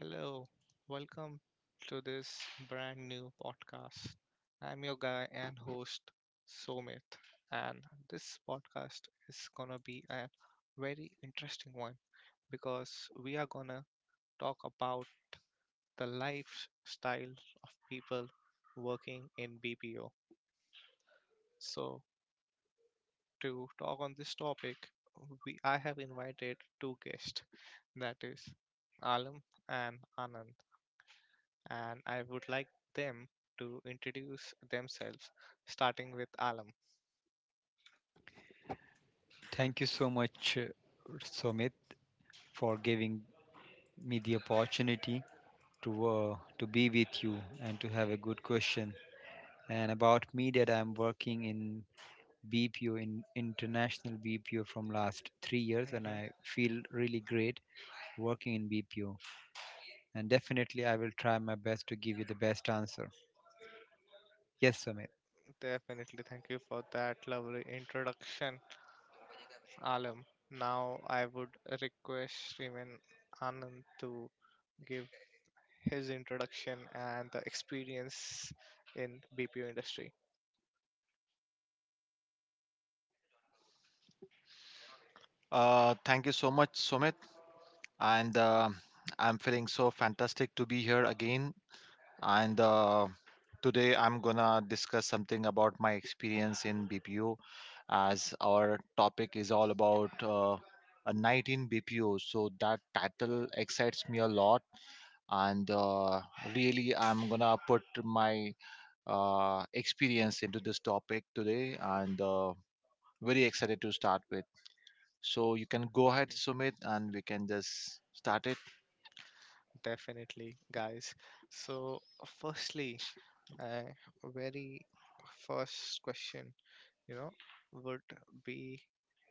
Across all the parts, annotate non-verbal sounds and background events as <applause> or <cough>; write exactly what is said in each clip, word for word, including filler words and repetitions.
Hello, welcome to this brand new podcast. I'm your guy and host, Somit, and this podcast is gonna be a very interesting one because we are gonna talk about the lifestyle of people working in B P O. So, to talk on this topic, we I have invited two guests, that is Alam and Anand. And I would like them to introduce themselves, starting with Alam. Thank you so much, uh, Sumit, for giving me the opportunity to uh, to be with you and to have a good question. And about me, that I'm working in B P O, in international B P O from last three years, and Hmm. I feel really great working in B P O. And definitely, I will try my best to give you the best answer. Yes, Sumit. Definitely, thank you for that lovely introduction, Alam. Now, I would request Shriman Anand to give his introduction and the experience in B P O industry. Uh, thank you so much, Sumit. And uh, I'm feeling so fantastic to be here again. And uh, today I'm gonna discuss something about my experience in B P O, as our topic is all about uh, a night in B P O. So that title excites me a lot, and uh, really I'm gonna put my uh, experience into this topic today, and uh, very excited to start with. So you can go ahead, Mhm. Sumit, and we can just start it. Definitely, guys. So, firstly, uh, very first question, you know, would be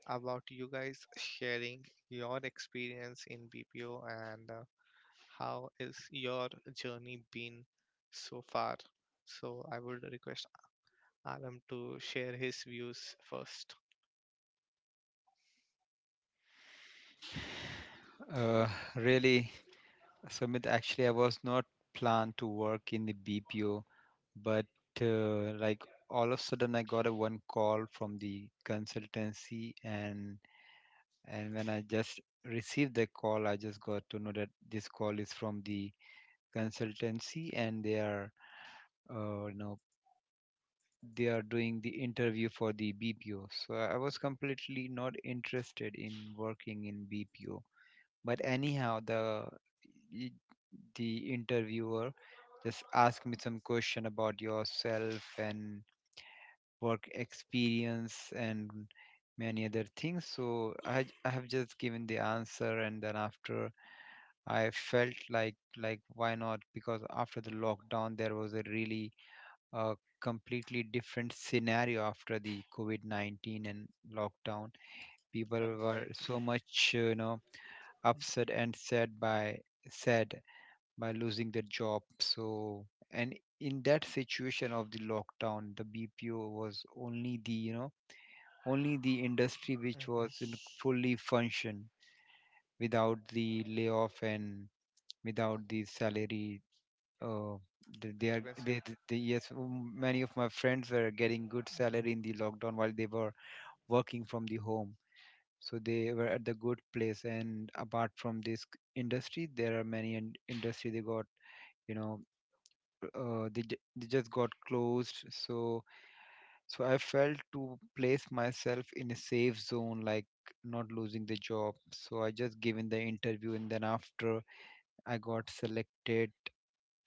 about you guys sharing your experience in B P O and uh, how is your journey been so far? So I would request Aram to share his views first. Uh, really Sumit, actually, I was not planned to work in the B P O, but uh, like all of a sudden, I got a one call from the consultancy, and and when I just received the call, I just got to know that this call is from the consultancy, and they are, uh, you know, they are doing the interview for the B P O. So I was completely not interested in working in B P O, but anyhow the y- the interviewer just asked me some question about yourself and work experience and many other things. So i j- i have just given the answer, and then after, I felt like, like why not? Because after the lockdown, there was a really uh, completely different scenario. After the COVID nineteen and lockdown, people Correct, were correct. so much uh, you know upset and sad by sad by losing their job. So, and in that situation of the lockdown, the B P O was only the, you know, only the industry which was Mm-hmm. in fully function, without the layoff and without the salary. Uh, th- they are Discrepancy. they, th- they yes m- many of my friends were getting good Hmm. salary in the lockdown while they were working from the home, so they were at the good place. And apart from this c- industry, there are many in- industry they got, you know, uh, they, ju- they just got closed. So so i felt to place myself in a safe zone, like not losing the job. So I just given the interview, and then after, I got selected,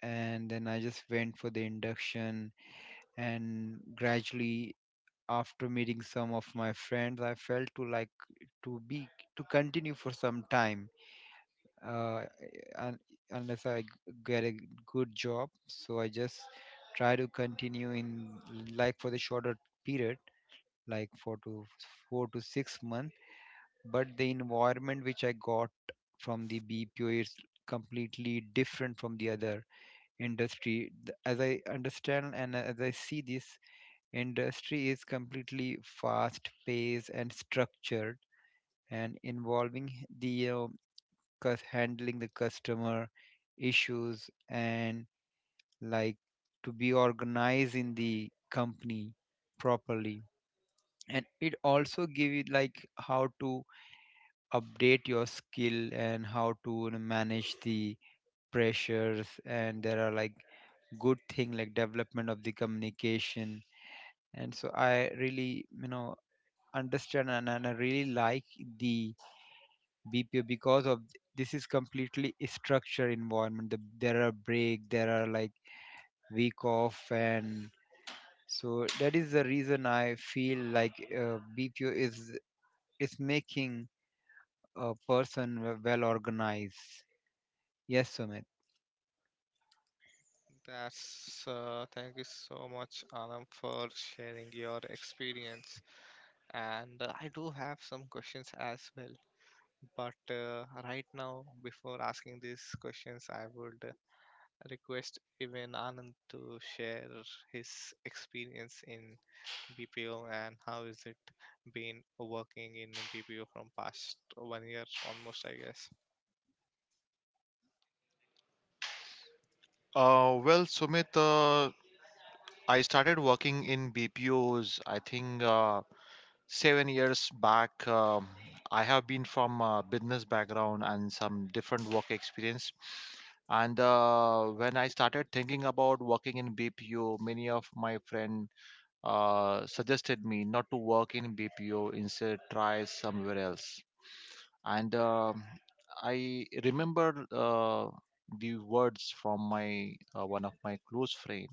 and then I just went for the induction. And gradually, after meeting some of my friends, I felt to like to be to continue for some time, uh, un unless I g- get a good job. So I just try to continue in, like, for the shorter period, like four to four to six months. But the environment which I got from the B P O is completely different from the other industry. Th- As I understand and as I see, this industry is completely fast paced and structured, and involving the uh, cus- handling the customer issues, and like to be organized in the company properly. And it also give you like how to update your skill and how to, you know, manage the pressures. And there are like good thing, like development of the communication. And so I really, you know understand, and, and I really like the B P O because of th- this is completely a structured environment. The, there are break, there are like week off. And so that is the reason I feel like, uh, B P O is is making a person w- well organized. Yes, Sumit. That's uh, Thank you so much, Alam, for sharing your experience. And uh, I do have some questions as well. But uh, right now, before asking these questions, I would uh, request even Anand to share his experience in B P O and how is it been working in B P O from past one year almost, I guess. Uh, well, Sumit, uh, I started working in B P Os, I think uh, seven years back. Um, I have been from a business background and some different work experience. And uh, when I started thinking about working in B P O, many of my friends uh, suggested me not to work in B P O, instead try somewhere else. and um I remember uh, the words from my uh, one of my close friend,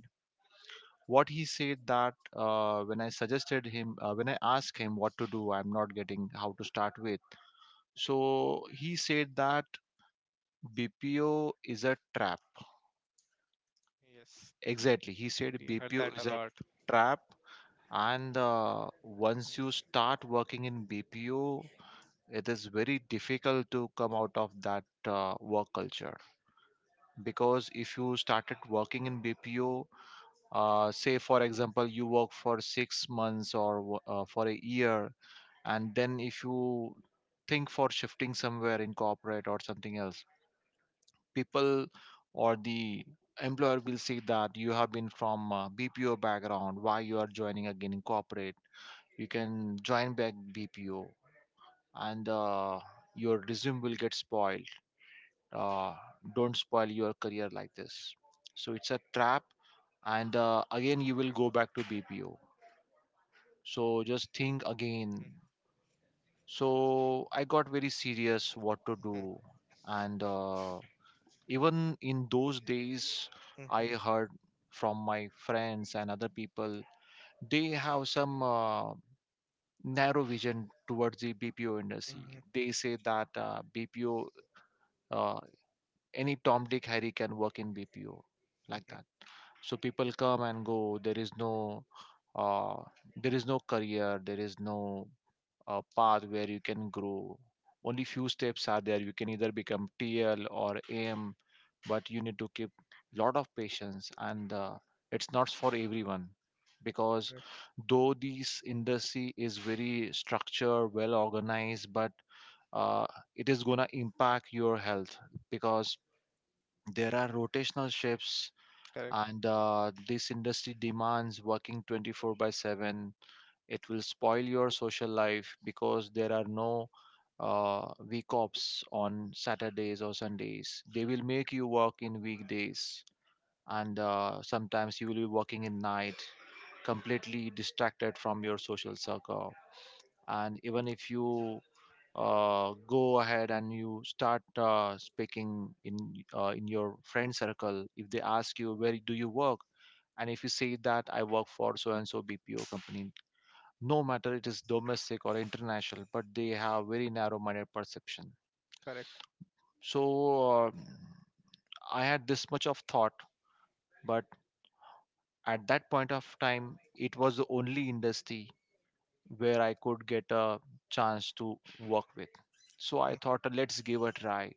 what he said that uh, when I suggested him uh, when I asked him what to do, I'm not getting how to start with. So he said that BPO is a trap. Yes, Exactly, he said we heard that BPO a is a lot. trap. And uh, once you start working in BPO, it is very difficult to come out of that uh, work culture, because if you started working in B P O, uh, say for example you work for six months or wo- uh, for a year, and then if you think for shifting somewhere in corporate or something else, people or the employer will see that you have been from uh, B P O background. Why you are joining again in corporate? You can join back B P O, and uh, your resume will get spoiled. Uh, don't spoil your career like this, so it's a trap, and uh, again you will go back to B P O. So just think again. So I got very serious what to do, and uh, even in those days, I heard from my friends and other people they have some uh, narrow vision towards the B P O industry. They say that uh, B P O, uh, any Tom, Dick, Harry can work in B P O, like that. <laughs> So people come and go, there is no uh, there is no career, there is no uh, path where you can grow. Only few steps are there, you can either become TL or AM, but you need to keep lot of patience, and uh, it's not for everyone, because Correct, though this industry is very structured, well organized, but uh, it is gonna impact your health because there are rotational shifts, correct, and uh, this industry demands working twenty-four by seven. It will spoil your social life because there are no uh, week offs on Saturdays or Sundays, they will make you work in weekdays, and uh, sometimes you will be working in night, completely distracted from your social circle. And even if you uh, go ahead and you start uh, speaking in uh, in your friend circle, if they ask you where do you work, and if you say that I work for so and so BPO company, no matter it is domestic or international, but they have very narrow minded perception. correct. So uh, I had this much of thought, but at that point of time, it was the only industry where I could get a chance to work with. So I Mm, thought let's give a try,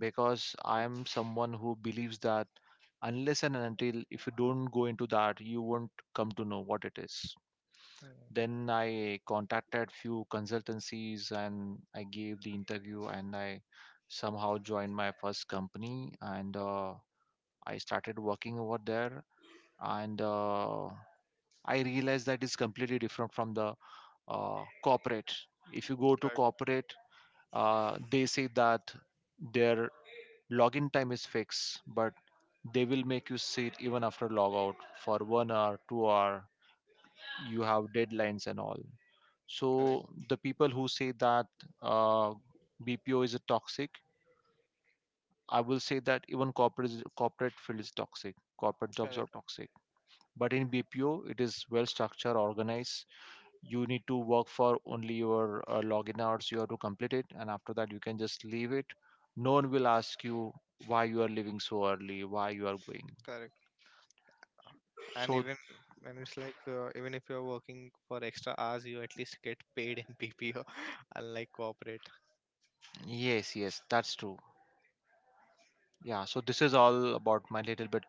because I am someone who believes that unless and until if you don't go into that, you won't come to know what it is. mm. Then I contacted few consultancies and I gave the interview, and I somehow joined my first company, and uh, I started working over there, and uh, I realized that it's completely different from the uh, corporate. If you go to Right. corporate, uh, they say that their login time is fixed, but they will make you sit even after log out for one hour, two hour. You have deadlines and all. Correct. So the people who say that uh, B P O is a toxic, I will say that even corporate is- corporate field is toxic. Corporate jobs are Correct. toxic. But in B P O, it is well structured, organized. You need to work for only your uh, login hours. You have to complete it, and after that, you can just leave it. No one will ask you why you are leaving so early, why you are going. Correct. And So even and it's like uh, even if you're working for extra hours, you at least get paid in P P O, <laughs> unlike corporate. yes, yes, that's true. Yeah. So this is all about my little bit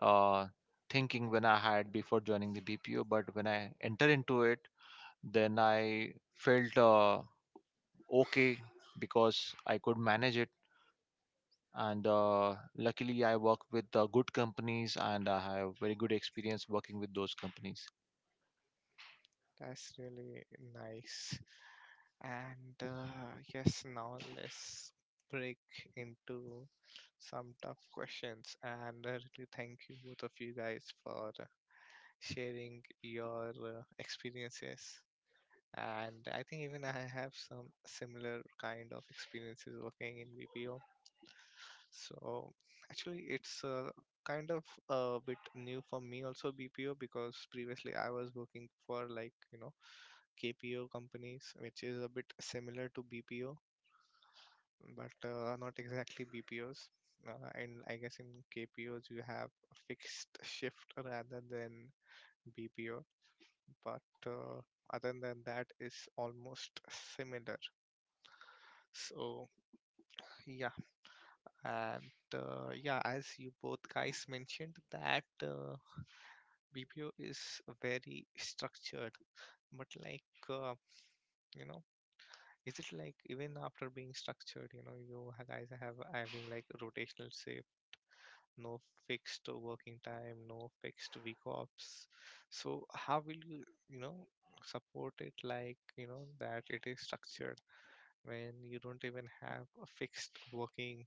uh, thinking when I had before joining the B P O. But when I enter into it, then I felt uh, okay, because I could manage it. And uh, luckily, I work with uh, good companies, and I have very good experience working with those companies. That's really nice. And uh, yes, now let's break into some tough questions. And I really thank you both of you guys for sharing your uh, experiences. And I think even I have some similar kind of experiences working in BPO. So actually it's uh, kind of a bit new for me also, BPO, because previously I was working for like you know K P O companies, which is a bit similar to B P O, but uh, not exactly B P Os. Uh, and I guess in K P Os you have a fixed shift rather than B P O. But uh, other than that is almost similar, so. Yeah, and uh, yeah, as you both guys mentioned, that uh, B P O is very structured, but like uh, you know, is it like even after being structured, you know, you ha- guys have having like rotational say, no fixed working time, no fixed week offs. So how will you, you know, support it like you know that it is structured when you don't even have a fixed working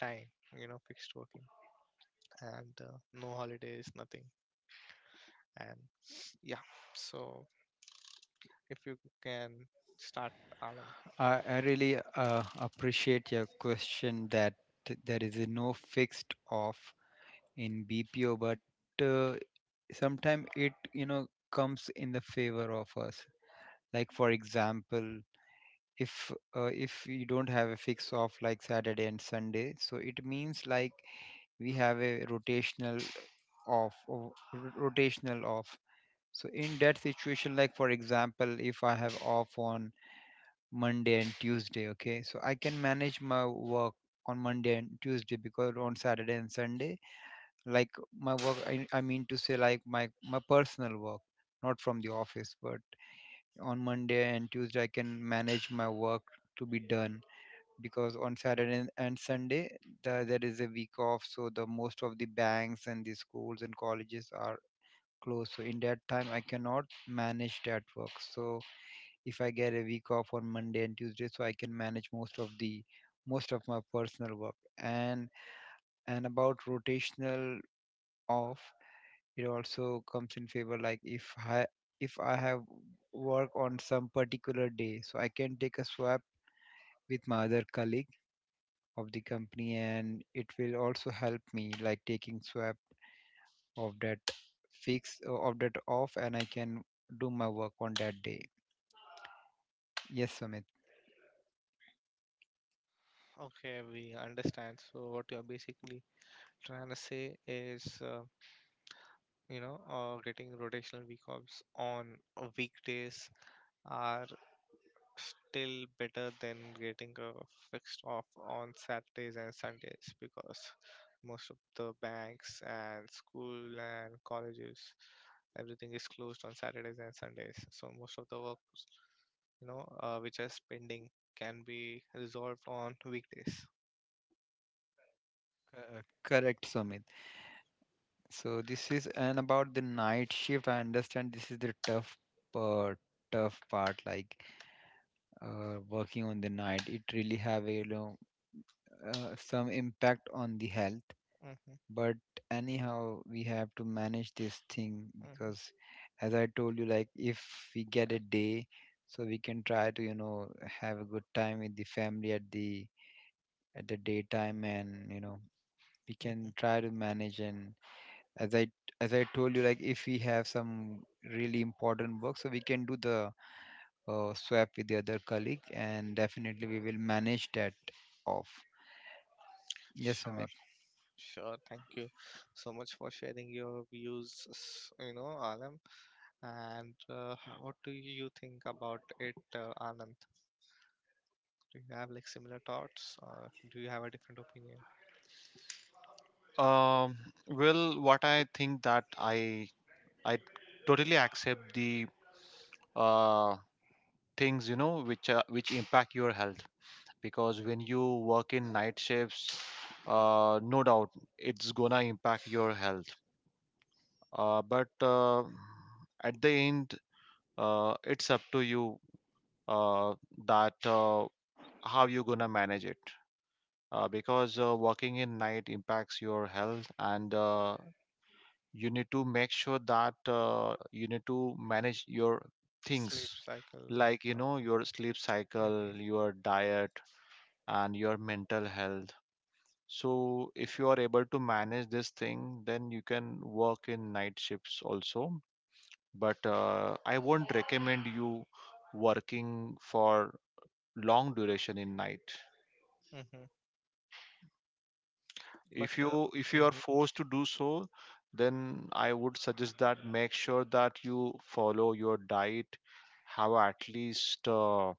time, you know, fixed working and uh, no holidays, nothing. And <sniffs> yeah, so if you can start, Alam. I, I really uh, appreciate your question that th- there is a no fixed off in B P O, but uh, sometimes it, you know, comes in the favor of us. Like for example, if uh, if you don't have a fix off like Saturday and Sunday, so it means like we have a rotational off or ro- rotational off so in that situation, like for example, if I have off on Monday and Tuesday, okay, so I can manage my work on Monday and Tuesday. Because on Saturday and Sunday, like, my work, i, I mean to say, like, my my personal work, not from the office. But on Monday and Tuesday, I can manage my work to be done, because on Saturday and Sunday, the, there is a week off, so the most of the banks and the schools and colleges are closed. So in that time, I cannot manage that work. So if I get a week off on Monday and Tuesday, so I can manage most of the most of my personal work. And and about rotational off, it also comes in favor. Like if I if I have work on some particular day, so I can take a swap with my other colleague of the company. And it will also help me, like taking swap of that fix of that off, and I can do my work on that day. Yes, Sumit. Okay, we understand. So what you are basically trying to say is, uh, you know, uh, getting rotational week offs on uh, weekdays are still better than getting a fixed off on Saturdays and Sundays because most of the banks and school and colleges everything is closed on Saturdays and Sundays. So most of the work, you know, uh, which is pending can be resolved on weekdays. Uh, Correct, Sumit. So this is, and about the night shift, I understand this is the tough part, tough part, like, uh, working on the night. It really have, a you know, uh, some impact on the health. Hmm. But anyhow, we have to manage this thing. Hmm. Because, as I told you, like, if we get a day, so we can try to, you know have a good time with the family at the at the daytime. And, you know we can Hmm. try to manage. And as i as i told you, like, if we have some really important work, so we can do the uh, swap with the other colleague, and definitely we will manage that off. Yes, Sure, amit. sure. Thank you so much for sharing your views, s- you know, Alam. And uh, what do you think about it, uh, Anand? Do you have like similar thoughts, or do you have a different opinion? Um, well, what I think that I I totally accept the uh, things, you know, which uh, which impact your health, because when you work in night shifts, uh, no doubt it's gonna impact your health, uh, but uh, at the end, uh, it's up to you, uh, that uh, how you gonna manage it, uh, because uh, working in night impacts your health, and uh, you need to make sure that uh, you need to manage your Sleep things, cycle. like you So, know, your sleep mm-hmm, cycle, your diet, and your mental health. So if you are able to manage this thing, then you can work in night shifts also. But uh, I won't recommend you working for long duration in night. mm-hmm. But If uh, you if you are mm-hmm, forced to do so, then I would suggest that make sure that you follow your diet, have at least uh,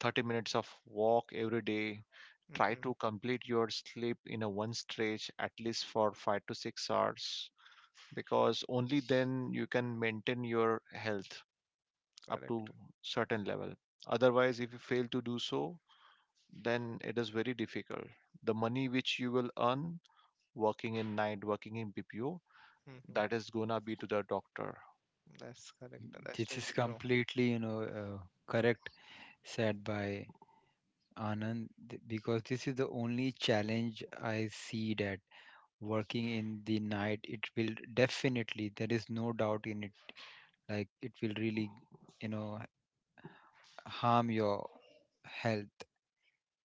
thirty minutes of walk every day. Try mm-hmm, to complete your sleep in a one stretch at least for five to six hours, because only then you can maintain your health up correct. to certain level. Otherwise, if you fail to do so, then it is very difficult. The money which you will earn working in night, working in BPO, Mm-hmm. that is gonna be to the doctor. That's correct. That's This is really true. completely, you know uh, correct, said by Anand. Th- because this is the only challenge I see, that working in the night, it will definitely, there is no doubt in it, like, it will really, you know, harm your health.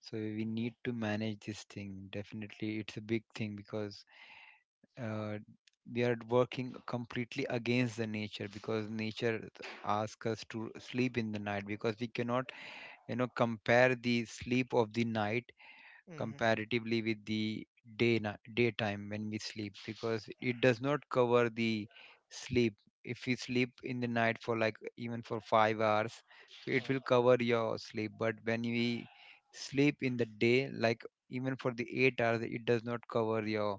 So we need to manage this thing. Definitely, it's a big thing, because uh, we are working completely against the nature. Because nature asks us to sleep in the night, because we cannot, you know, compare the sleep of the night Mm-hmm, mm-hmm. comparatively with the day na daytime, when we sleep, because it does not cover the sleep. If you sleep in the night for like, even for five hours, so it will Mm. cover your sleep. But when we sleep in the day, like, even for the eight hours, it does not cover your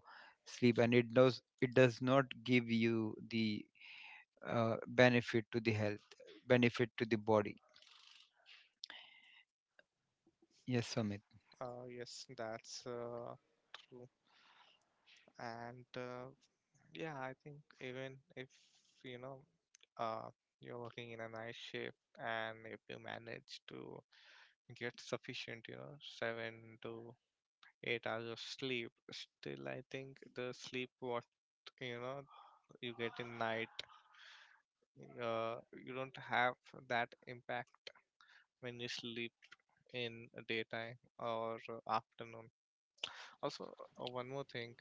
sleep. And it does it does not give you the uh, benefit to the health, benefit to the body. Yes, Sumit. Uh, yes, that's uh, true. And uh, yeah, I think even if you know uh, you're working in a night shift and if you manage to get sufficient, you know, seven to eight hours of sleep. Still, I think the sleep what you know you get in night, uh, you don't have that impact when you sleep in daytime or uh, afternoon. Also, uh, one more thing,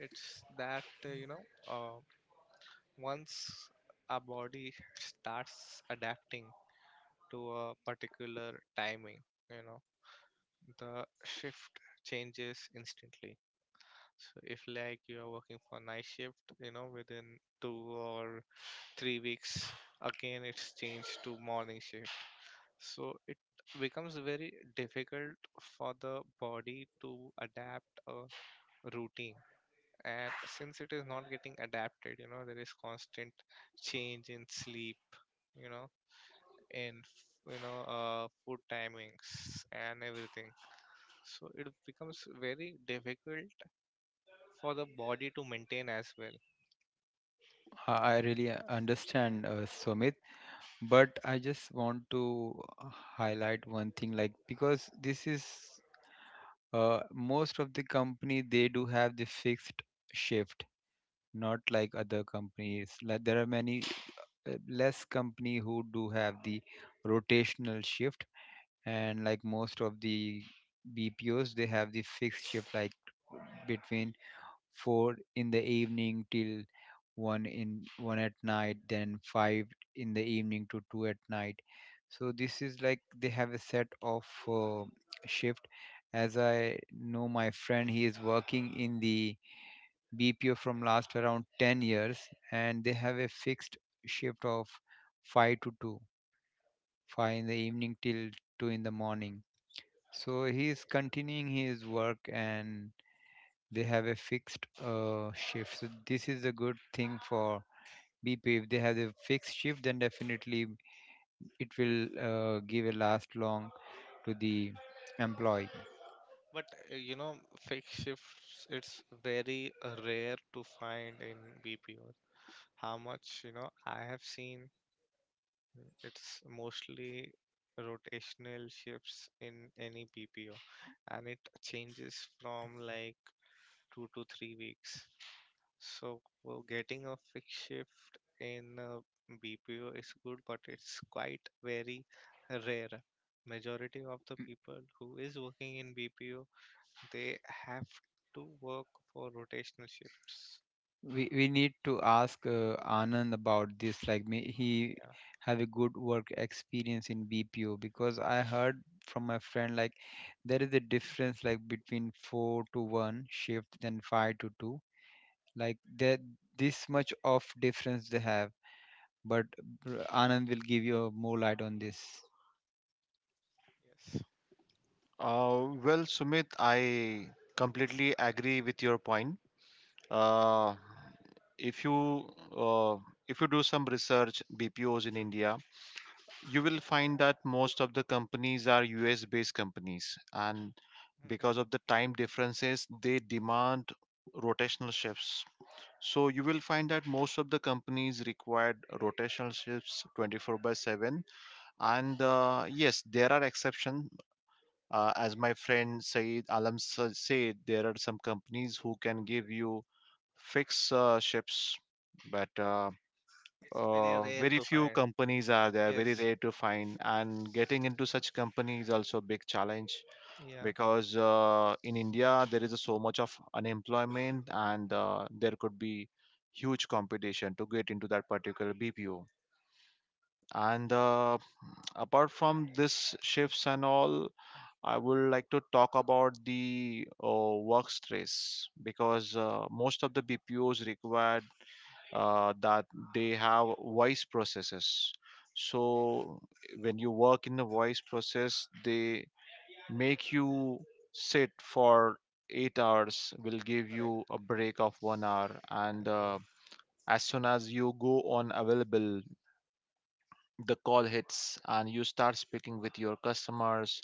it's that uh, you know, uh, once our body starts adapting to a particular timing, you know, the shift changes instantly. So if like you are working for night shift, you know, within two or three weeks, again it's changed to morning shift. So it becomes very difficult for the body to adapt a routine. And since it is not getting adapted, you know, there is constant change in sleep, you know, in f- you know, uh, food timings and everything. So it becomes very difficult for the body to maintain as well. I I really understand, uh, Sumit. But I just want to uh, highlight one thing, like, because this is, uh, most of the company, they do have the fixed shift, not like other companies. Like, there are many uh, less company who do have the rotational shift. And like most of the B P Os, they have the fixed shift, like between four in the evening till one in one at night, then five in the evening to two at night. So this is like they have a set of uh, shift. As I know, my friend, he is working in the B P O from last around ten years, and they have a fixed shift of five to two, five in the evening till two in the morning. So he is continuing his work, and they have a fixed uh, shift. So this is a good thing for bp if they have a fixed shift, then definitely it will uh, give a last long to the employee. But uh, you know, fixed shifts, it's very uh, rare to find in B P O. How much, you know, I have seen, mm, it's mostly rotational shifts in any B P O, and it changes from like two to three weeks. So well, getting a fixed shift in uh, B P O is good, but it's quite very rare. Majority of the people who is working in B P O they have to work for rotational shifts. We, we need to ask, uh, Anand, about this, like, may he Yeah. have a good work experience in BPO, because I heard from my friend, like, there is a difference, like, between four to one shift than five to two, like that, this much of difference they have. But uh, Anand will give you more light on this. Yes. Uh, well Sumit, I completely agree with your point. uh, if you uh, if you do some research, BPOs in India, you will find that most of the companies are US based companies, and because Hmm. of the time differences, they demand rotational shifts. So you will find that most of the companies required rotational shifts twenty-four by seven. And uh, yes, there are exceptions, uh, as my friend said, Alam sa- said, there are some companies who can give you fixed uh, shifts, but uh, It's very uh, rare very to few find. companies are there, very Yes. rare to find, and getting into such company is also a big challenge, Yeah. because uh, in India there is so much of unemployment, and uh, there could be huge competition to get into that particular B P O. And uh, apart from this shifts and all, I would like to talk about the uh, work stress, because uh, most of the B P Os required uh, that they have voice processes. So when you work in the voice process, they make you sit for eight hours, will give you Correct. a break of one hour, and uh, Hmm. as soon as you go on available, the call hits and you start speaking with your customers,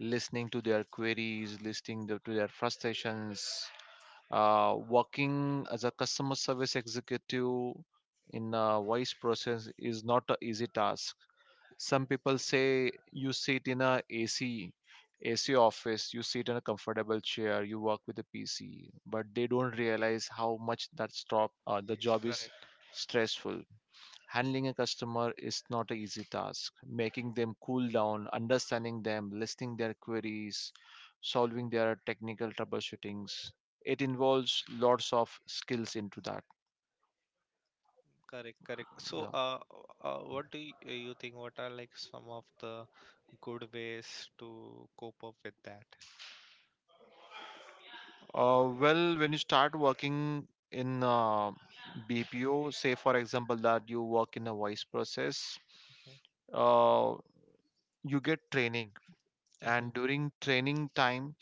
listening to their queries, listening the, to their frustrations. Uh, working as a customer service executive in a voice process is not an easy task. Some people say you sit in a ac ac office, you sit in a comfortable chair, you work with a PC, but they don't realize how much that stop uh, the job is Correct. stressful. Handling a customer is not an easy task, making them cool down, understanding them, listening their queries, solving their technical troubleshootings, it involves lots of skills into that. Correct. Correct. So, Yeah. uh, uh, what do you, you think? What are like some of the good ways to cope up with that? Uh, well, when you start working in uh, B P O, say for example that you work in a voice process, uh, you get training, Hmm. and during training time,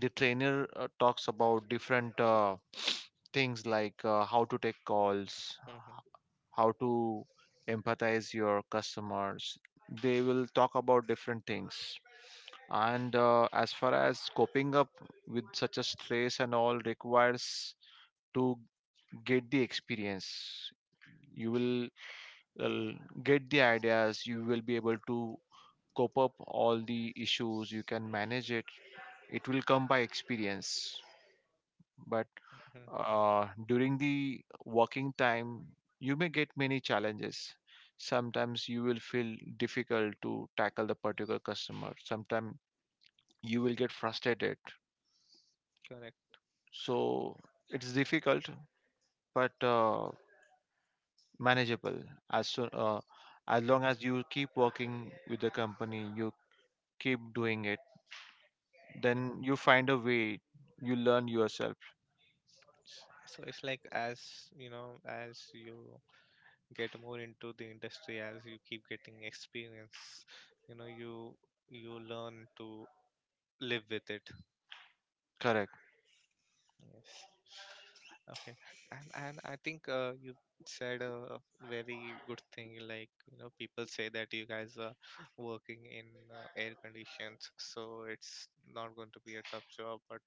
the trainer uh, talks about different uh, things like uh, how to take calls, Hmm. how to empathize your customers. They will talk about different things, and uh, as far as coping up with such a stress and all requires to get the experience. You will Mhm, uh, get the ideas, you will be able to cope up all the issues, you can manage it. It will come by experience. But mhm, uh, during the working time you may get many challenges. Sometimes you will feel difficult to tackle the particular customer, sometimes you will get frustrated. correct. So it's difficult but uh, manageable. As soon uh, as Mhm. long as you keep working with the company, you keep doing it, then you find a way, you learn yourself. S- So it's like as you know, as you get more into the industry, as you keep getting experience, you know, you you learn to live with it. Correct. Yes. Okay. And and I think uh, you said a very good thing. Like, you know, people say that you guys are working in uh, air conditions, so it's not going to be a tough job. But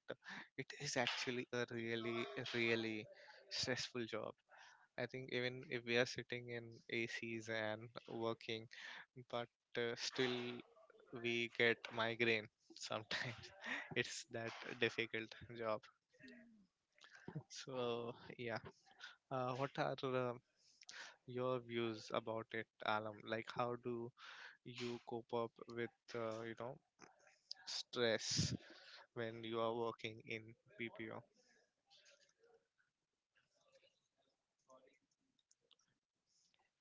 it is actually a really, really stressful job. I think even if we are sitting in A Cs and working, but uh, still we get migraine sometimes. <laughs> It's that difficult job. So yeah, uh, what are uh, your views about it, Alam? Like, how do you cope up with uh, you know stress when you are working in B P O?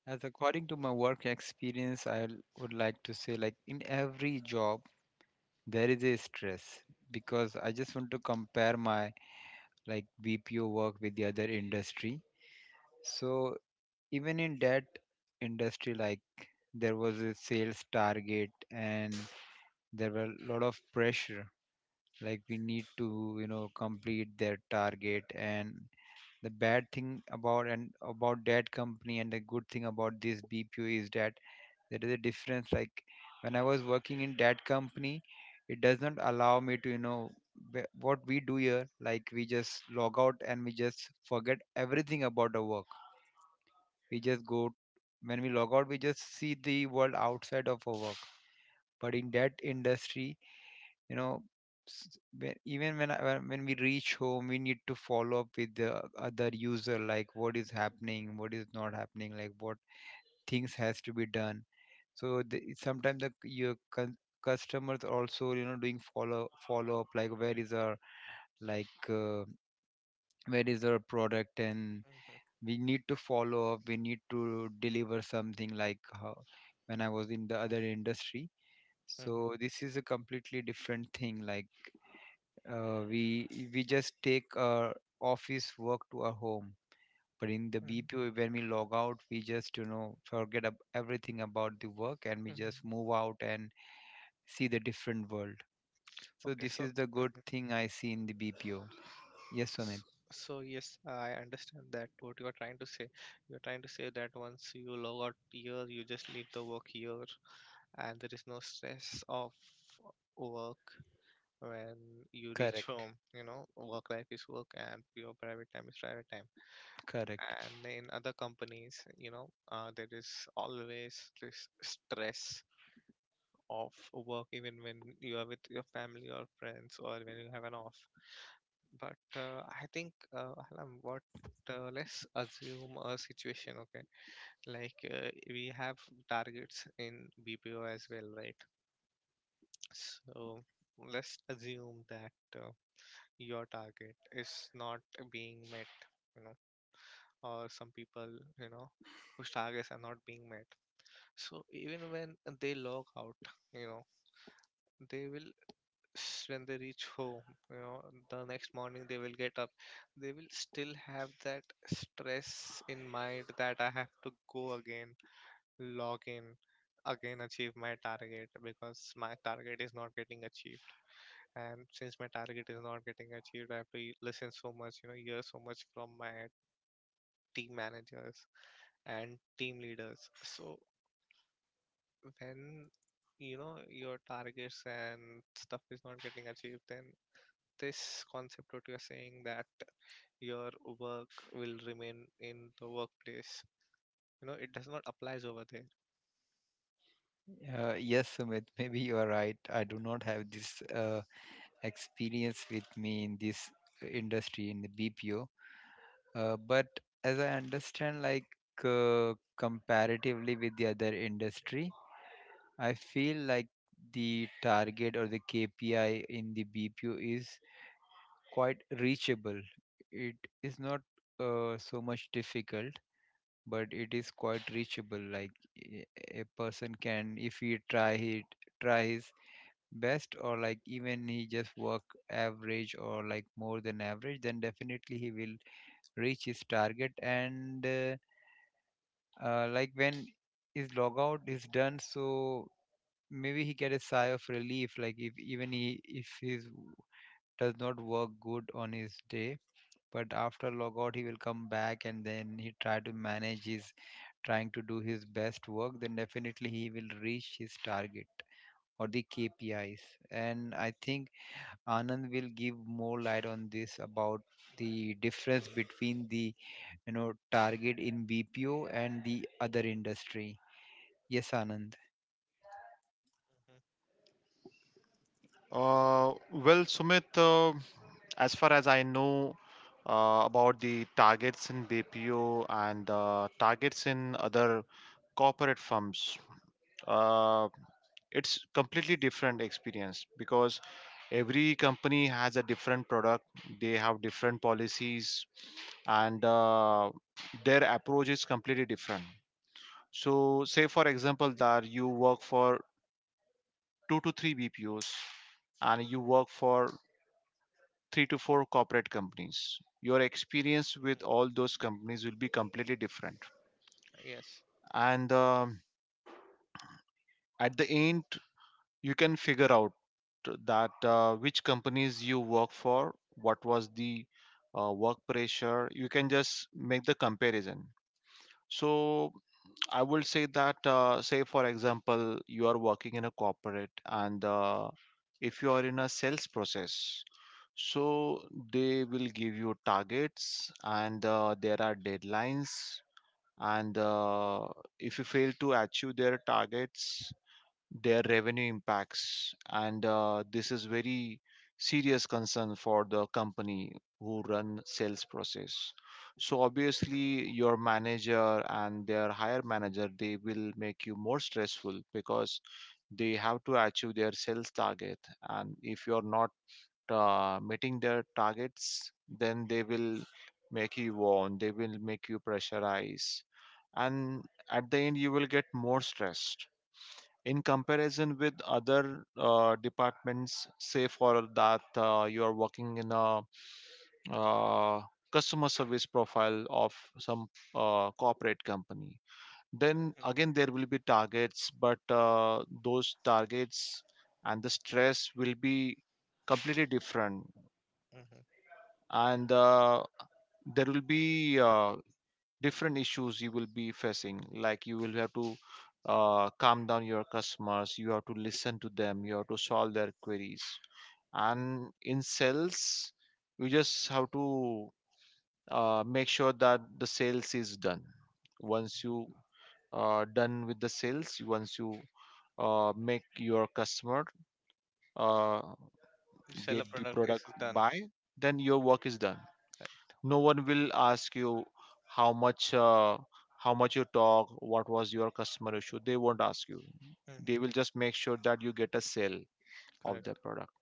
As according to my work experience, I would like to say, like, in every job there is a stress. Because I just want to compare my, like, B P O work with the other industry. So even in that industry, like, there was a sales target and there were a lot of pressure. Like we need to you know complete their target. And the bad thing about and about that company and the good thing about this BPO is that there is a difference. Like when I was working in that company, it does not allow me to, you know wh- what we do here. Like we just log out and we just forget everything about our work. We just go. When we log out, we just see the world outside of our work. But in that industry, you know, s- when, even when, I, when when we reach home, we need to follow up with the other user, like what is happening, what is not happening, like what things has to be done. So the, sometimes the c- your con- customers also, you know doing follow follow up like where is our like uh, where is our product. And we need to follow up, we need to deliver something like how, when I was in the other industry. Mhm, So this is a completely different thing. Like uh, we we just take our office work to our home, but in the mhm, BPO when we log out we just, you know forget ab- everything about the work, and we mhm. just move out and see the different world. So Okay, this so is the good mm, thing I see in the BPO. Yes, s- Sumit. so yes, I understand that what you are trying to say. You're trying to say that once you log out here, you just leave the work here and there is no stress of work when you reach Correct, home, you know work life is work and your private time is private time. correct. And in other companies you know uh, there is always this stress of work even when you are with your family or friends or when you have an off. But uh, I think uh, Alam, what uh, let's assume a situation, okay? Like, uh, we have targets in B P O as well, right? So let's assume that uh, your target is not being met, you know, or some people, you know, whose targets are not being met. So even when they log out, you know, they will, s- when they reach home, you know, the next morning they will get up, they will still have that stress in mind that I have to go again, log in, again achieve my target because my target is not getting achieved. And since my target is not getting achieved, I have to y- listen so much, you know hear so much from my team managers and team leaders. So when you know your targets and stuff is not getting achieved, then this concept what you are saying that your work will remain in the workplace, you know it does not applies over there. Uh, yes, Sumit, <laughs> maybe you are right. I do not have this uh, experience with me in this uh, industry, in the BPO. Uh, but as I understand, like uh, comparatively with the other industry, I feel like the target or the K P I in the B P O is quite reachable. It is not uh, so much difficult, but it is quite reachable. Like a a person can, if he try, he try his best, or like even he just work average or like more than average, then definitely he will reach his target. And uh, uh, Like when his logout is done, so maybe he get a sigh of relief. Like if even he, if his does not work good on his day, but after logout he will come back and then he try to manage his, trying to do his best work, then definitely he will reach his target or the K P Is. And I think Anand will give more light on this about the difference between the, you know target in B P O and the other industry. Yes, Anand. Mhm. Uh, well Sumit, uh, as far as I know uh, about the targets in BPO and uh, targets in other corporate firms, uh, it's completely different experience, because every company has a different product, they have different policies, and uh, their approach is completely different. So say for example that you work for two to three bpos and you work for three to four corporate companies, your experience with all those companies will be completely different. Yes. And um at the end you can figure out that uh, which companies you work for, what was the uh, work pressure. You can just make the comparison. So I will say that, uh, say for example you are working in a corporate and uh, if you are in a sales process, so they will give you targets, and uh, there are deadlines. And uh, if you fail to achieve their targets, their revenue impacts, and uh, this is very serious concern for the company who run sales process. So obviously your manager and their higher manager, they will make you more stressful because they have to achieve their sales target. And if you're not uh, meeting their targets, then they will make you warn, they will make you pressurize, and at the end you will get more stressed in comparison with other uh, departments. Say for that uh, you are working in a uh, customer service profile of some uh, corporate company, then again there will be targets, but uh, those targets and the stress will be completely different. Hmm. Hmm. And uh, there will be uh, different issues you will be facing. Like you will have to uh, calm down your customers, you have to listen to them, you have to solve their queries. And in sales you just have to uh, make sure that the sales is done. Once you uh, done with the sales, once you uh, make your customer uh, You sell a get the product, it's product, done. buy, then your work is done. No one will ask you how much, uh, how much you talk, what was your customer issue, they won't ask you. They will just make Hmm. sure that you get a sale of their Correct. product.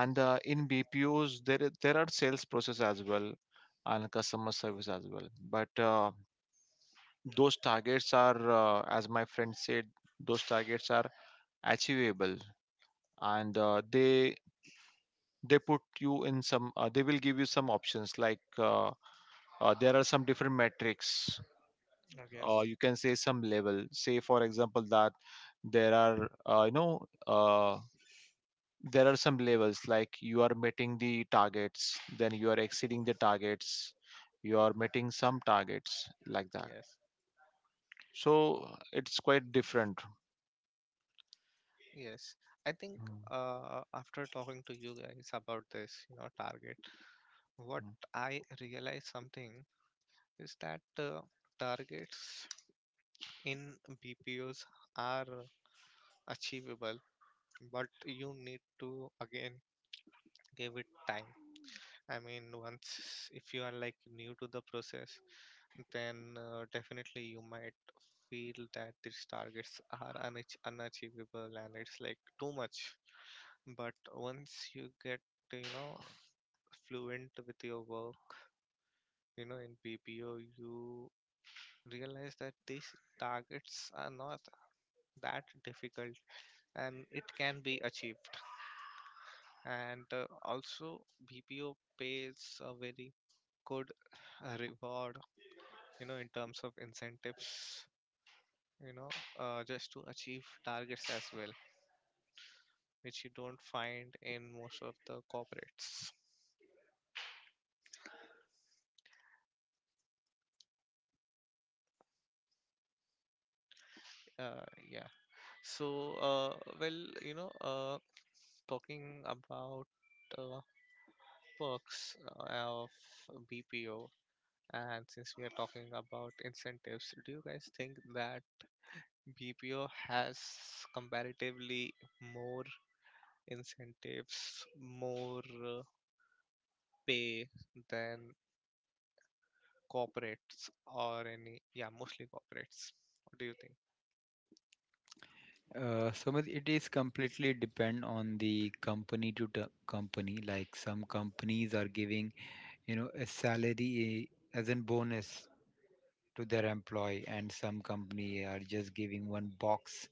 And uh, in bpos there is- there are sales process as well and customer service as well. But uh, those targets are, uh, as my friend said, those targets are achievable. And uh, they they put you in some, uh, they will give you some options like, uh, uh, there are some different metrics, Oh, or yes. you can say some level. Say for example that there are uh, you know uh, there are some levels like you are meeting the targets, then you are exceeding the targets, you are meeting some targets, like that. Yes. So it's quite different. Yes, I think Mm, uh, after talking to you guys about this, you know, target, what mm. I realized something is that uh, targets in B P Os are achievable, but you need to again give it time. I mean, once if you are like new to the process, then uh, definitely you might feel that these targets are unach- unachievable and it's like too much. But once you get to, you know fluent with your work, you know, in B P O, you realize that these targets are not that difficult and it can be achieved. And uh, also, B P O pays a very good uh, reward, you know, in terms of incentives, you know, uh, just to achieve targets as well, which you don't find in most of the corporates. Uh, yeah. So, uh, well, you know, uh, talking about uh, perks of B P O, and since we are talking about incentives, do you guys think that B P O has comparatively more incentives, more uh, pay than corporates or any, yeah, mostly corporates? What do you think? Uh, Sumit, it is completely depend on the company to t- company. Like some companies are giving, you know, a salary eh, as a bonus to their employee, and some company are just giving one box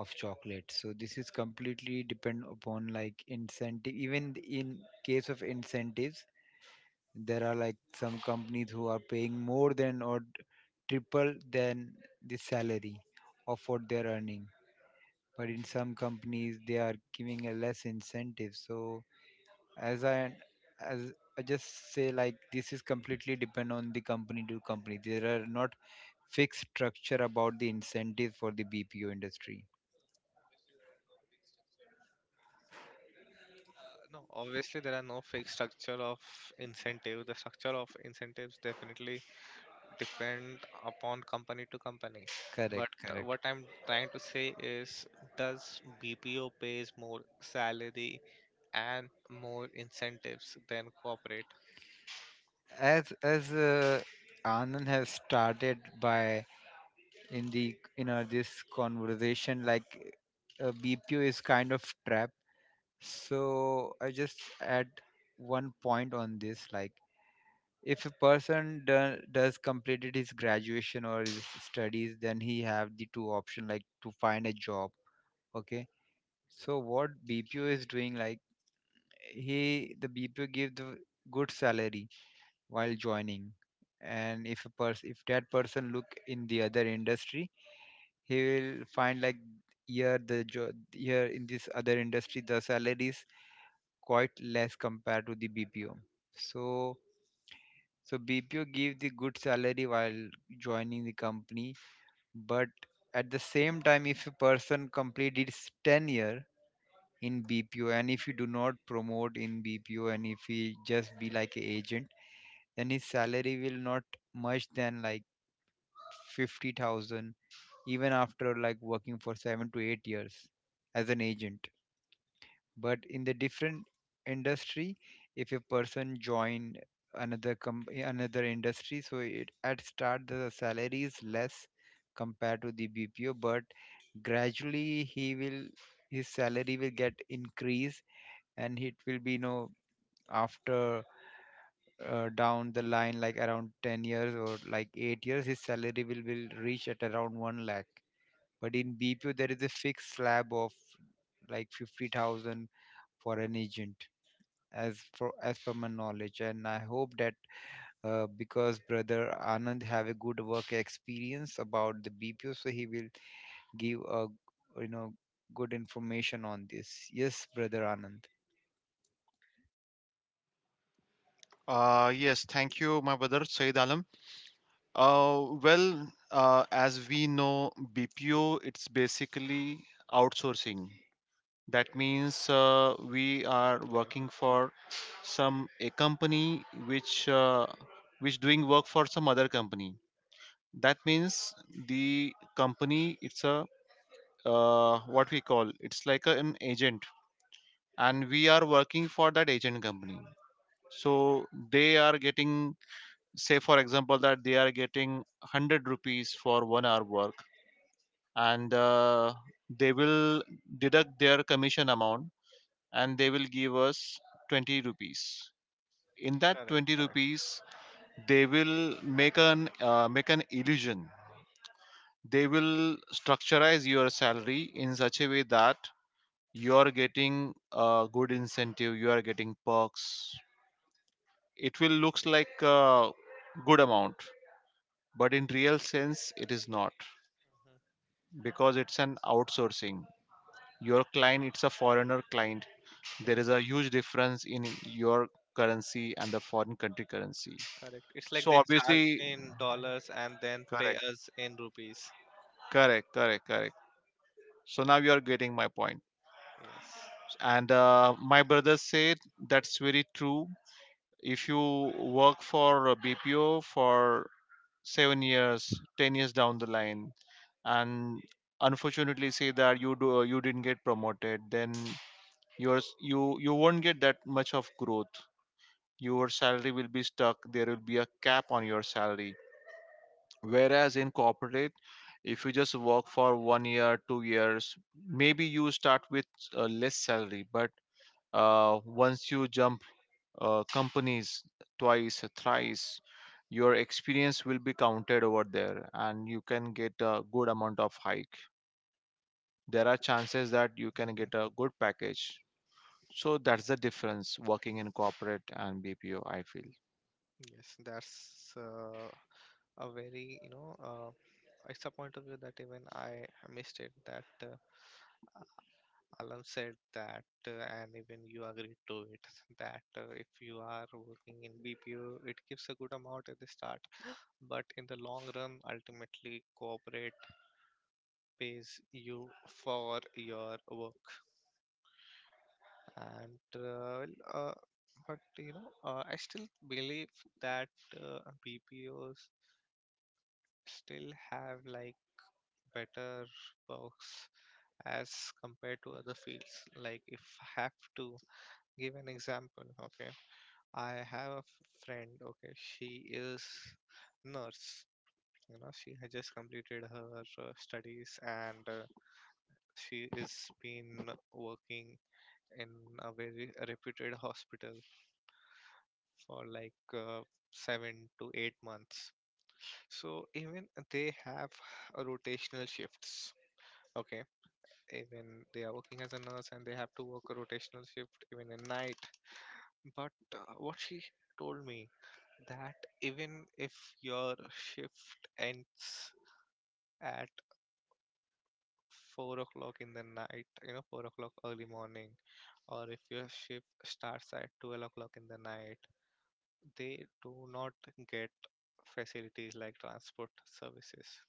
of chocolate. So this is completely depend upon like incentive. Even in case of incentives, there are like some companies who are paying more than or triple than the salary of what they're earning, but in some companies they are giving a less incentive. So as i as i just say, like this is completely depend on the company to company. There are not fixed structure about the incentive for the BPO industry. Uh, No, obviously there are no fixed structure of incentive. The structure of incentives definitely depend upon company to company. But Correct, uh, correct. what I'm trying to say is, does B P O pays more salary and more incentives than corporate? As as uh, Anand has started by, in the, you know this conversation, like uh, BPO is kind of trap. So I just add one point on this. Like if a person do, does completed his graduation or his studies, then he have the two option, like to find a job. Okay. So what BPO is doing, like he the BPO give the good salary while joining, and if a person, if that person look in the other industry, he will find like here the job, here in this other industry, the salary is quite less compared to the BPO. So, so B P O gave the good salary while joining the company, but at the same time, if a person completed his tenure in B P O and if you do not promote in B P O and if he just be like an agent, then his salary will not much than like fifty thousand even after like working for seven to eight years as an agent. But in the different industry, if a person join another com- another industry, so it at start the salary is less compared to the BPO, but gradually he will, his salary will get increased, and it will be, you know, after uh, down the line like around ten years or like eight years, his salary will will reach at around one lakh. But in BPO there is a fixed slab of like fifty thousand for an agent, as for as per my knowledge. And I hope that, uh, because brother Anand have a good work experience about the BPO, so he will give a, you know, good information on this. Yes, brother Anand. uh, yes thank you, my brother Said Alam. Uh, well uh, as we know, B P O it's basically outsourcing. That means uh, we Mm, are correct, working for some a company which uh, which doing work for some other company. That means the company it's a, uh, what we call, it's like a, an agent, and we are working for that agent company. So they are getting, say for example that they are getting one hundred rupees for one hour work, and uh, they will deduct their commission amount, and they will give us twenty rupees. In that correct, twenty correct. rupees they will make an uh, make an illusion. They will structureize your salary in such a way that you are getting a good incentive, you are getting perks, it will looks like a good amount, but in real sense it is not. Mhm. Because it's an outsourcing, your client it's a foreigner client, there Yes, is a huge difference in your currency and the foreign country currency. correct. It's like So they charge obviously. in dollars and then pay Correct, us in rupees. correct, correct, correct. So now you are getting my point. Yes. And uh, my brother said, that's very true. If you work for a B P O for seven years, ten years down the line, and unfortunately say that you do you didn't get promoted, then yours you you won't get that much of growth. Your salary will be stuck, there will be a cap on your salary. Whereas in corporate, if you just work for one year, two years, maybe you start with uh, less salary, but uh, once you jump uh, companies twice, thrice, your experience will be counted over there and you can get a good amount of hike. There are chances that you can get a Mhm. good package. So that's the difference working in corporate and bpo, I feel. Yes, that's uh, a very, you know, uh, it's a point of view that even I missed it that uh, Alan said that, uh, and even you agreed to it, that uh, if you are working in B P O, it gives a good amount at the start, but in the long run, ultimately, corporate pays you for your work. And uh, well, uh, but you know, uh, I still believe that uh, B P Os still have like better perks as compared to other fields. Like if I have to give an example, okay, I have a f- friend. Okay, she is nurse. You know, she has just completed her uh, studies, and uh, she is been working in a very reputed hospital for like uh, seven to eight months. So even they have a rotational shifts. Okay, even they are working as a nurse and they have to work a rotational shift even at night. But uh, what she told me that even if your shift ends at four o'clock in the night, you know, four o'clock early morning, or if your shift starts at twelve o'clock in the night, they do not get facilities like transport services.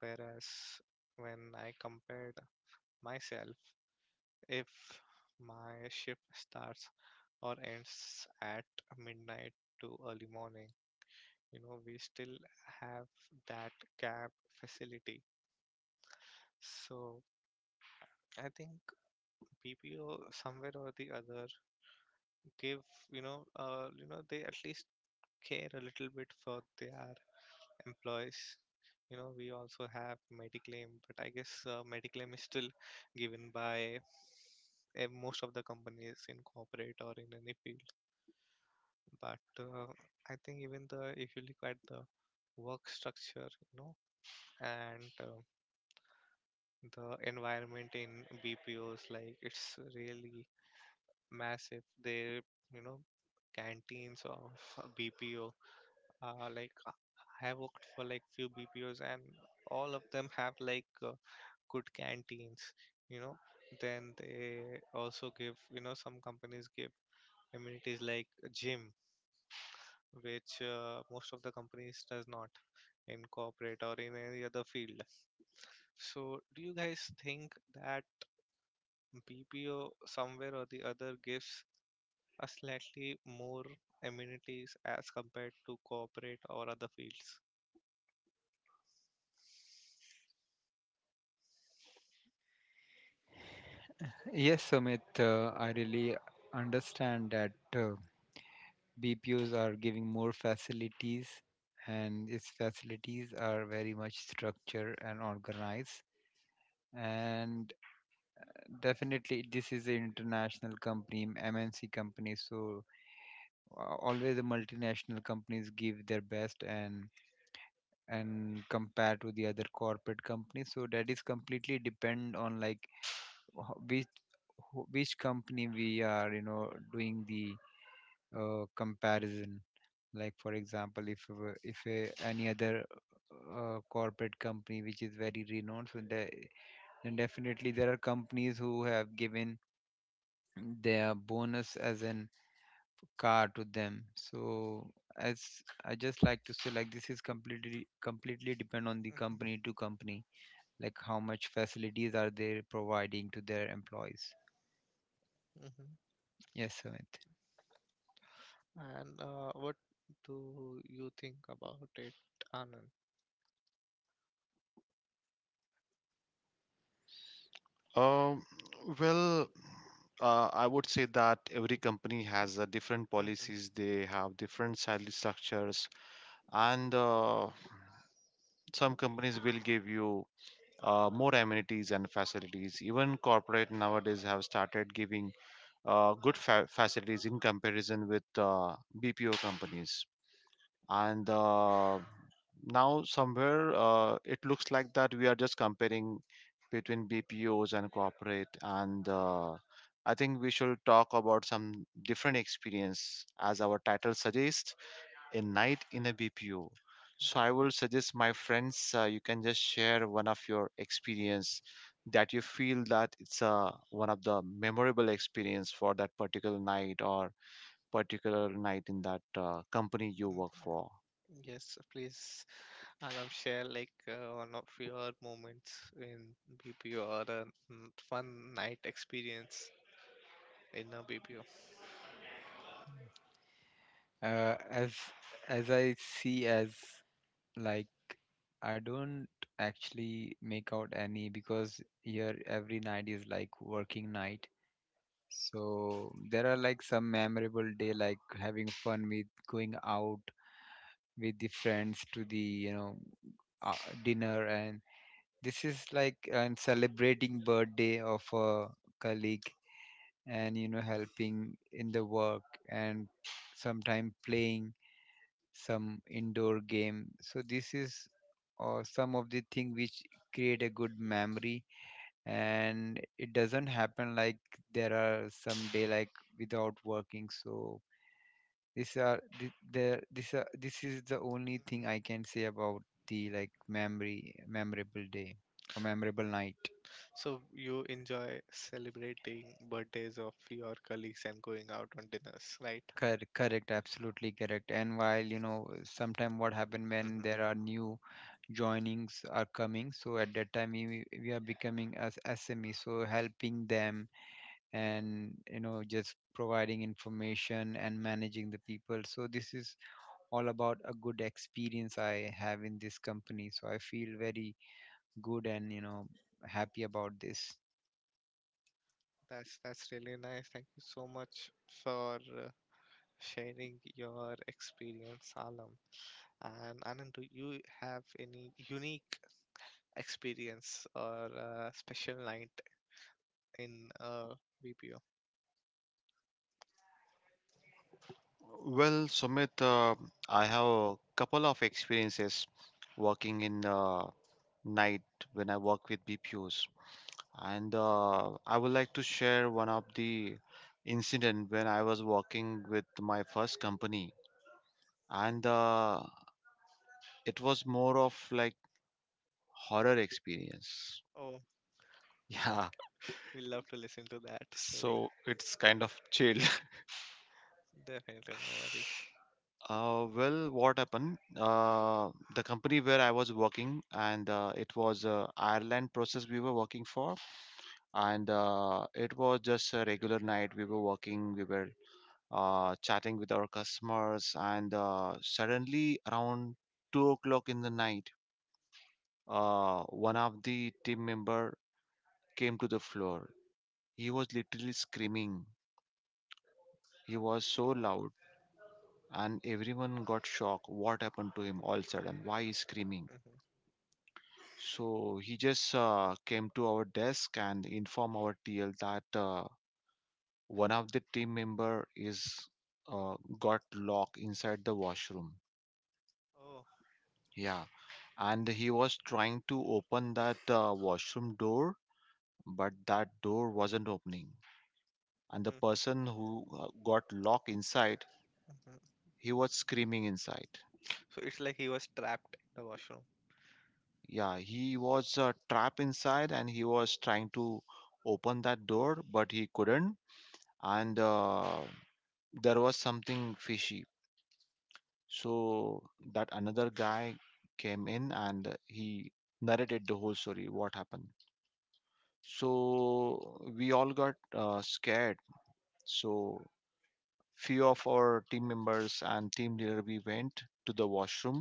Whereas when I compared myself, if my shift starts or ends at midnight to early morning, you know we still have that cab facility. So I think BPO somewhere or the other give, you know uh, you know they at least care a little bit for their employees. You know, we also have mediclaim, but I guess uh, mediclaim is still given by eh, most of the companies in corporate or in any field. But uh, I think even the if you look at the work structure, you know, and uh, the environment in B P Os, like it's really massive. They you know Canteens of a B P O, uh, like uh, I have worked for like few B P Os, and all of them have like uh, good canteens. You know, then they also give you know some companies give amenities like a gym, which uh, most of the companies does not, in corporate or in any other field. So, do you guys think that B P O somewhere or the other gives a slightly more amenities as compared to corporate or other fields? Yes, Sumit, uh, I really understand that uh, B P Os are giving more facilities, and its facilities are very much structured and organized. And definitely, this is an international company, M N C company, so uh, always the multinational companies give their best and and compare to the other corporate companies. So that is completely depend on like wh- which wh- which company we are, you know, doing the uh, comparison. Like for example, if a w- if a, any other uh, corporate company which is very renowned, so the, then definitely there are companies who have given their bonus as an car to them. So as I just like to say, like this is completely completely depend on the company Hmm. to company, like how much facilities are they providing to their employees. Hmm. Yes, Sumit. And uh, what do you think about it, Anand? Um, well, uh, I would say that every company has uh, different Hmm. policies. They have different salary structures, and uh, some companies will give you uh, more amenities and facilities. Even corporate nowadays have started giving uh, good fa- facilities in comparison with uh, B P O companies. And uh, now somewhere uh, it looks like that we are just comparing between bpos and corporate. And uh, I think we should talk about some different experience, as our title suggests, a night in a bpo. So I will suggest my friends, uh, you can just share one of your experience that you feel that it's uh, one of the memorable experience for that particular night, or particular night in that uh, company you work for. Yes, please. I love share like uh, one of your moments in B P O, or a n- fun night experience in a B P O. uh, as as i see as, like I don't actually make out any, because here every night is like working night. So there are like some memorable day, like having fun with going out with the friends to the, you know uh, dinner, and this is like, and celebrating birthday of a colleague, and you know, helping in the work, and sometime playing some indoor game. So this is or some of the thing which create a good memory, and it doesn't happen like. There are some day like without working. So these are the there this are this is the only thing Mhm. I can say about the, like memory memorable day or memorable night. So you enjoy celebrating birthdays of your colleagues and going out on dinners, right? Cor- correct, absolutely correct. And while, you know, sometime what happen, when there Hmm. are new joinings are coming, so at that time we, we are becoming as S M E, so helping them and you know just providing information and managing the people. So this is all about a good experience I have in this company. So I feel very good and, you know, happy about this. That's that's really nice. Thank you so much for uh, sharing your experience, Alam. And Anand, do you have any unique experience or uh, special night in uh, B P O? Well, Sumit, uh, I have a couple of experiences working in uh, night when I work with B P Os, and uh, I would like to share one of the incident when I was working with my first company, and uh, it was more of like horror experience. Oh. Yeah. We love to listen to that story. So it's kind of chill. Definitely, no worries. <laughs> uh well what happened? Uh the company where I was working, and uh, it was uh, Ireland process we were working for. And uh, it was just a regular night, we were working, we were uh, chatting with our customers. And uh, suddenly around two o'clock in the night, uh, one of the team member came to the floor. He was literally screaming, he was so Oh. loud, and everyone got shocked. What happened to him all of a sudden? Why is screaming? Hmm. So he just uh, came to our desk and informed our T L that uh, one of the team member is uh, got locked inside the washroom. Oh. Yeah, and he was trying to open that uh, washroom door, but that door wasn't opening. And the Hmm. Hmm. person who uh, got locked inside, he was screaming inside. So it's like he was trapped in the washroom. Yeah, he was uh, trapped inside, and he was trying to open that door, but he couldn't. And uh, there was something fishy. So that another guy came in, and he narrated the whole story what happened. So we all got uh, scared. So few of our team members and team leader, we went to the washroom.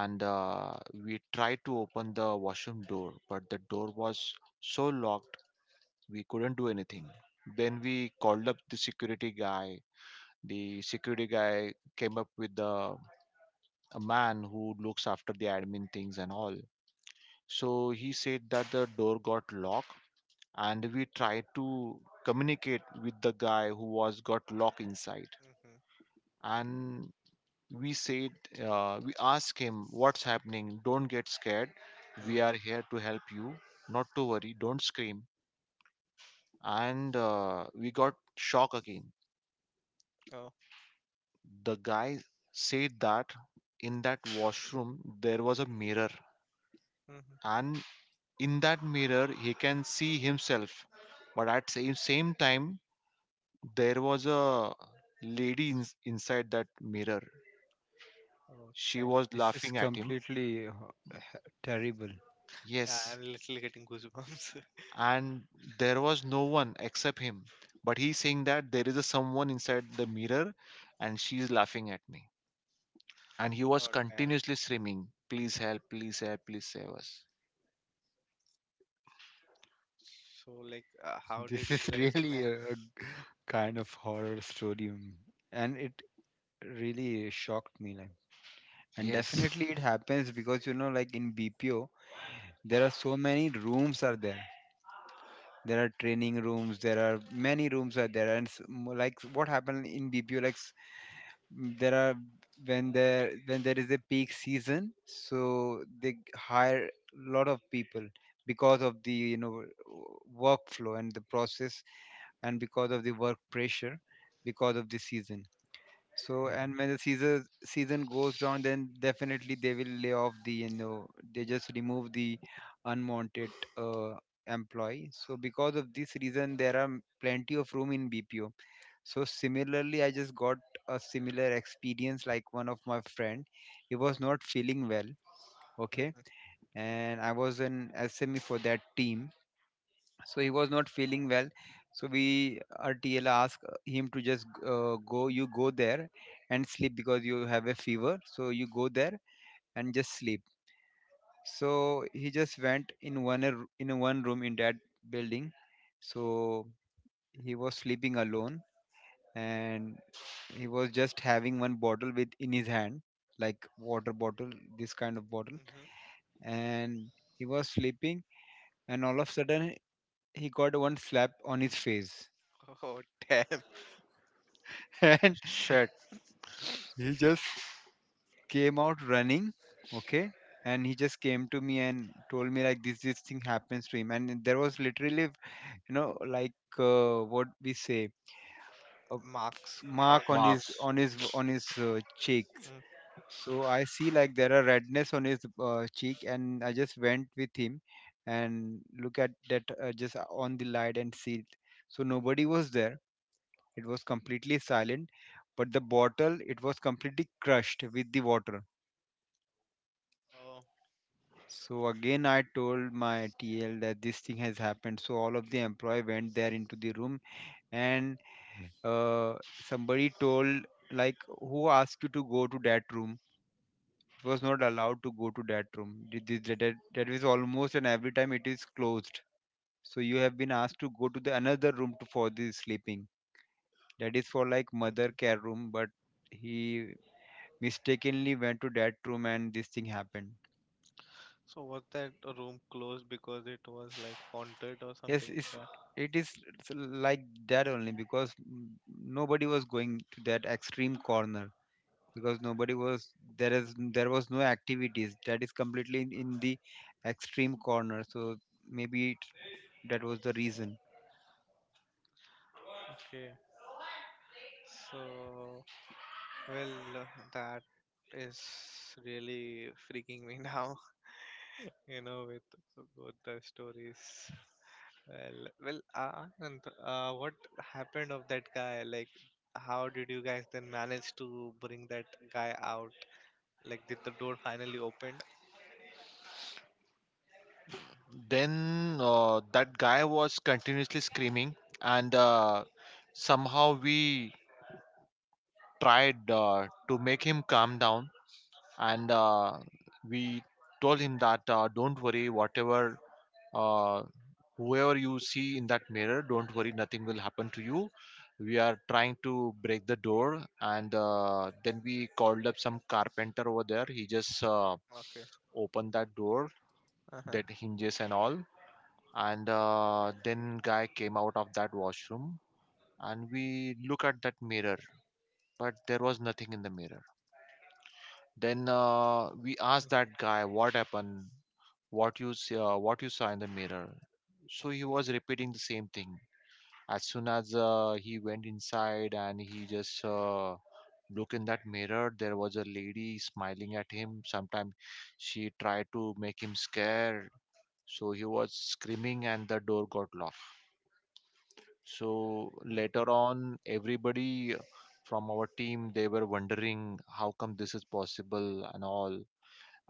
And uh, we tried to open the washroom door, but the door was so locked, we couldn't do anything. Then we called up the security guy. The security guy came up with the, a man who looks after the admin things and all. So he said that the door got locked, and we tried to communicate with the guy who was got locked inside. Hmm. And we said, uh, we ask him, what's happening, don't get scared, we are Hmm. here to help you, not to worry, don't scream. And uh, we got shock again. Oh. The guy said that in that washroom there was a mirror, Hmm. and in that mirror he can see himself, but at same same time there was a lady in, inside that mirror. Oh, She damn. was This is laughing at him. completely ho- h- terrible. Yeah, Yes. I'm literally getting goosebumps. And there was no one except him, but he's saying that there is a someone inside the mirror, and she is laughing at me. And he <laughs> was Oh, damn. continuously screaming, please help, please help, please save us. So, like, uh, <laughs> how did This you is guys? Ma- really a, a g- kind of horror story, mm, and it really shocked me. Like, and Yes. definitely it happens because you know, like in B P O, there are so many rooms are there. There are training rooms. There are many rooms are there, and s- mo- like what happened in B P O, like s- mm, there are, when there when there is a peak season, so they g- hire a lot of people because of the, you know, w- workflow and the process, and because of the work pressure, because of the season. So and when the season season goes down, then definitely they will lay off the, you know, they just remove the unwanted uh, employee. So because of this reason there are plenty of room in BPO. So similarly I just got a similar experience. Like one of my friend, he was not feeling well, Oh. okay, and I was an SME for that team. So he was not feeling well, so we our TL asked him to just uh, go, you go there and sleep, because you have a fever, so you go there and just sleep. So he just went in one r- in a one room in that building. So he was sleeping alone, and he was just having one bottle with in his hand, like water bottle, this kind of bottle. Hmm. <laughs> And he was sleeping, and all of a sudden he got one slap on his face. Oh, damn. <laughs> And Shit, he just came out running, okay, and he just came to me and told me like this this thing happens to him. And there was literally, you know, like, uh, what we say, a Marks mark on. on his marks. on his on his uh, cheek. Mm. So I see like there are redness on his uh, cheek, and I just went with him and look at that, uh, just on the light and see it. So nobody was there. It was completely silent, but the bottle, it was completely crushed with the water. Oh, So again, I told my T L that this thing has happened. So all of the employee went there into the room, and uh, somebody told like, "Who asked you to go to that room?" Was not allowed to go to that room. Th- th- That, that, that is almost and every time it is closed. So you have been asked to go to the another room to, for the sleeping. That is for like mother care room, but he mistakenly went to that room and this thing happened. so was that room closed because it was like haunted or Yes, something like it's, that? it is s- like that only, because mm, nobody was going to that extreme corner, because nobody was, there is there was no activities, that is completely in, in the extreme corner. So maybe it, that was the reason. Okay. So, well, uh, that is really freaking me <laughs> now, you know, with both the stories. Well, well, uh, Anant, uh, what happened of that guy? Like, how did you guys then manage to bring that guy out? Like, did the door finally opened? Then uh, that guy was continuously screaming, and uh, somehow we tried uh, to make him calm down. And uh, we told him that, uh, don't worry, whatever, uh, whoever you see in that mirror, don't worry, nothing will happen to you. We are trying to break the door. And uh, then we called up some carpenter over there. He just uh, Okay. opened that door, Uh-huh. that hinges and all. And uh, then guy came out of that washroom, and we look at that mirror, but there was nothing in the mirror. Then uh, we asked that guy what happened, what you s- uh, what you saw in the mirror. So he was repeating the same thing. As soon as uh, he went inside and he just uh, looked in that mirror, there was a lady smiling at him. Sometimes she tried to make him scared, so he was screaming, and the door got locked. So later Hmm. on, everybody from our team, they were wondering how come this is possible and all.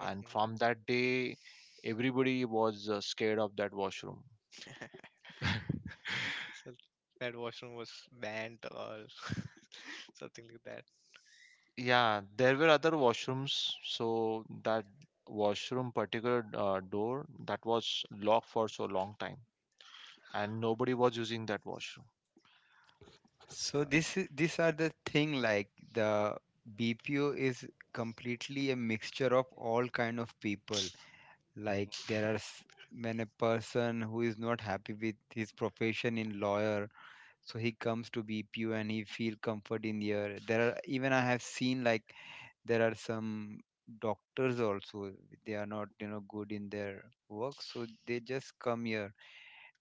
And from that day everybody was uh, scared of that washroom. So that washroom was banned or <laughs> something like that. Yeah, there were other washrooms, so that washroom particular uh, door that was locked for so long time, and nobody was using that washroom. So God. this is these are the thing, like the BPO is completely a mixture of all kind of people. Like there are s- when a person who is not happy with his profession in lawyer, so he comes to BPO and he feel comfort in here. There are, even I have seen like there are some doctors also, they are not, you know, good in their work, so they just come here.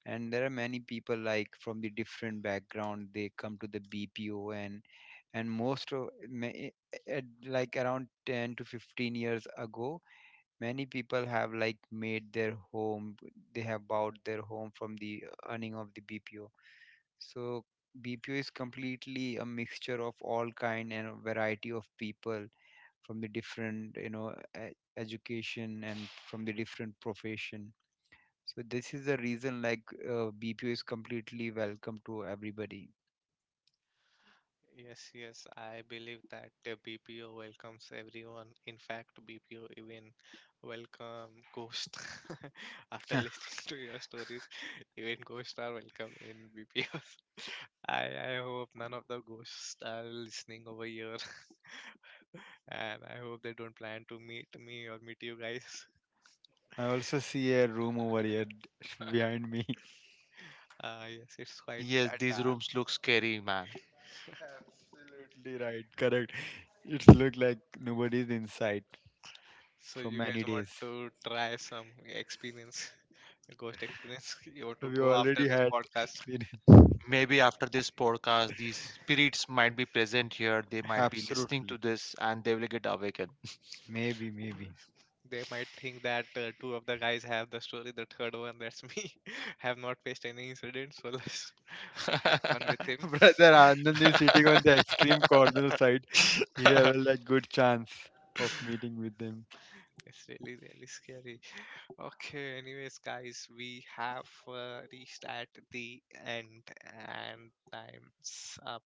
And there are many people like from the different background, they come to the BPO. and and most of ma- i- at like around ten to fifteen years ago, many people have like made their home, they have bought their home from the earning of the BPO. So BPO is completely a mixture of all kind and a variety of people from the different, you know, e- education, and from the different profession. So this is the reason like, uh, B P O is completely welcome to everybody. Yes, yes, I believe that the B P O welcomes everyone. In fact, B P O even welcome ghost. <laughs> After <laughs> listening to your stories, even ghosts are welcome in B P Os. <laughs> I I hope none of the ghosts are listening over here, <laughs> and I hope they don't plan to meet me or meet you guys. <laughs> I also see a room over here <laughs> behind me. Uh, yes, it's quite Yes, a these dark. rooms look scary, man. <laughs> Absolutely right, correct. It's look like nobody's inside So for you guys many want days. to try some experience, <laughs> ghost experience? <laughs> You want to We go after already this had podcast? three days. Maybe after this podcast these spirits might be present here, they might be listening to Absolutely. this and they will get awakened. Maybe, maybe. <laughs> They might think that uh, two of the guys have the story, the third one, that's me, <laughs> have not faced any incident, so let's <laughs> have fun with him. <laughs> Brother Anand is sitting on the extreme corner side. We have a <laughs> <laughs> like, good chance of meeting with them. It's really, really scary. Okay, anyways, guys, we have uh, reached at the end and time's up.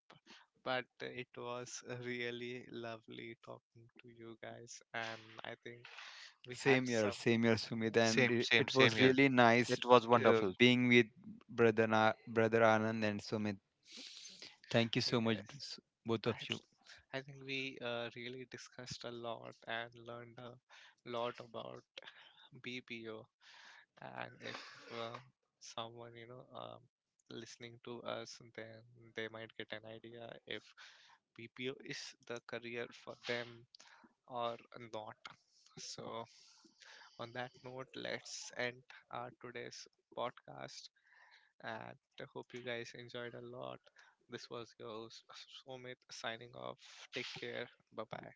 But it was really lovely talking to you guys, and I think we had Same year, some. same year, Sumit, Yes, and Same, it, same, it same was here. really nice, It was uh, wonderful. being with brother Na brother Anand and Sumit. Thank you so much, yes. s- both I, of you. th- I think we uh, really discussed a lot and learned a lot about B P O. And if uh, someone, you know, um, listening to us, then they might get an idea if B P O is the career for them or not. So, on that note, let's end our today's podcast. And I hope you guys enjoyed a lot. This was your host, Somit signing off. Take care. Bye bye.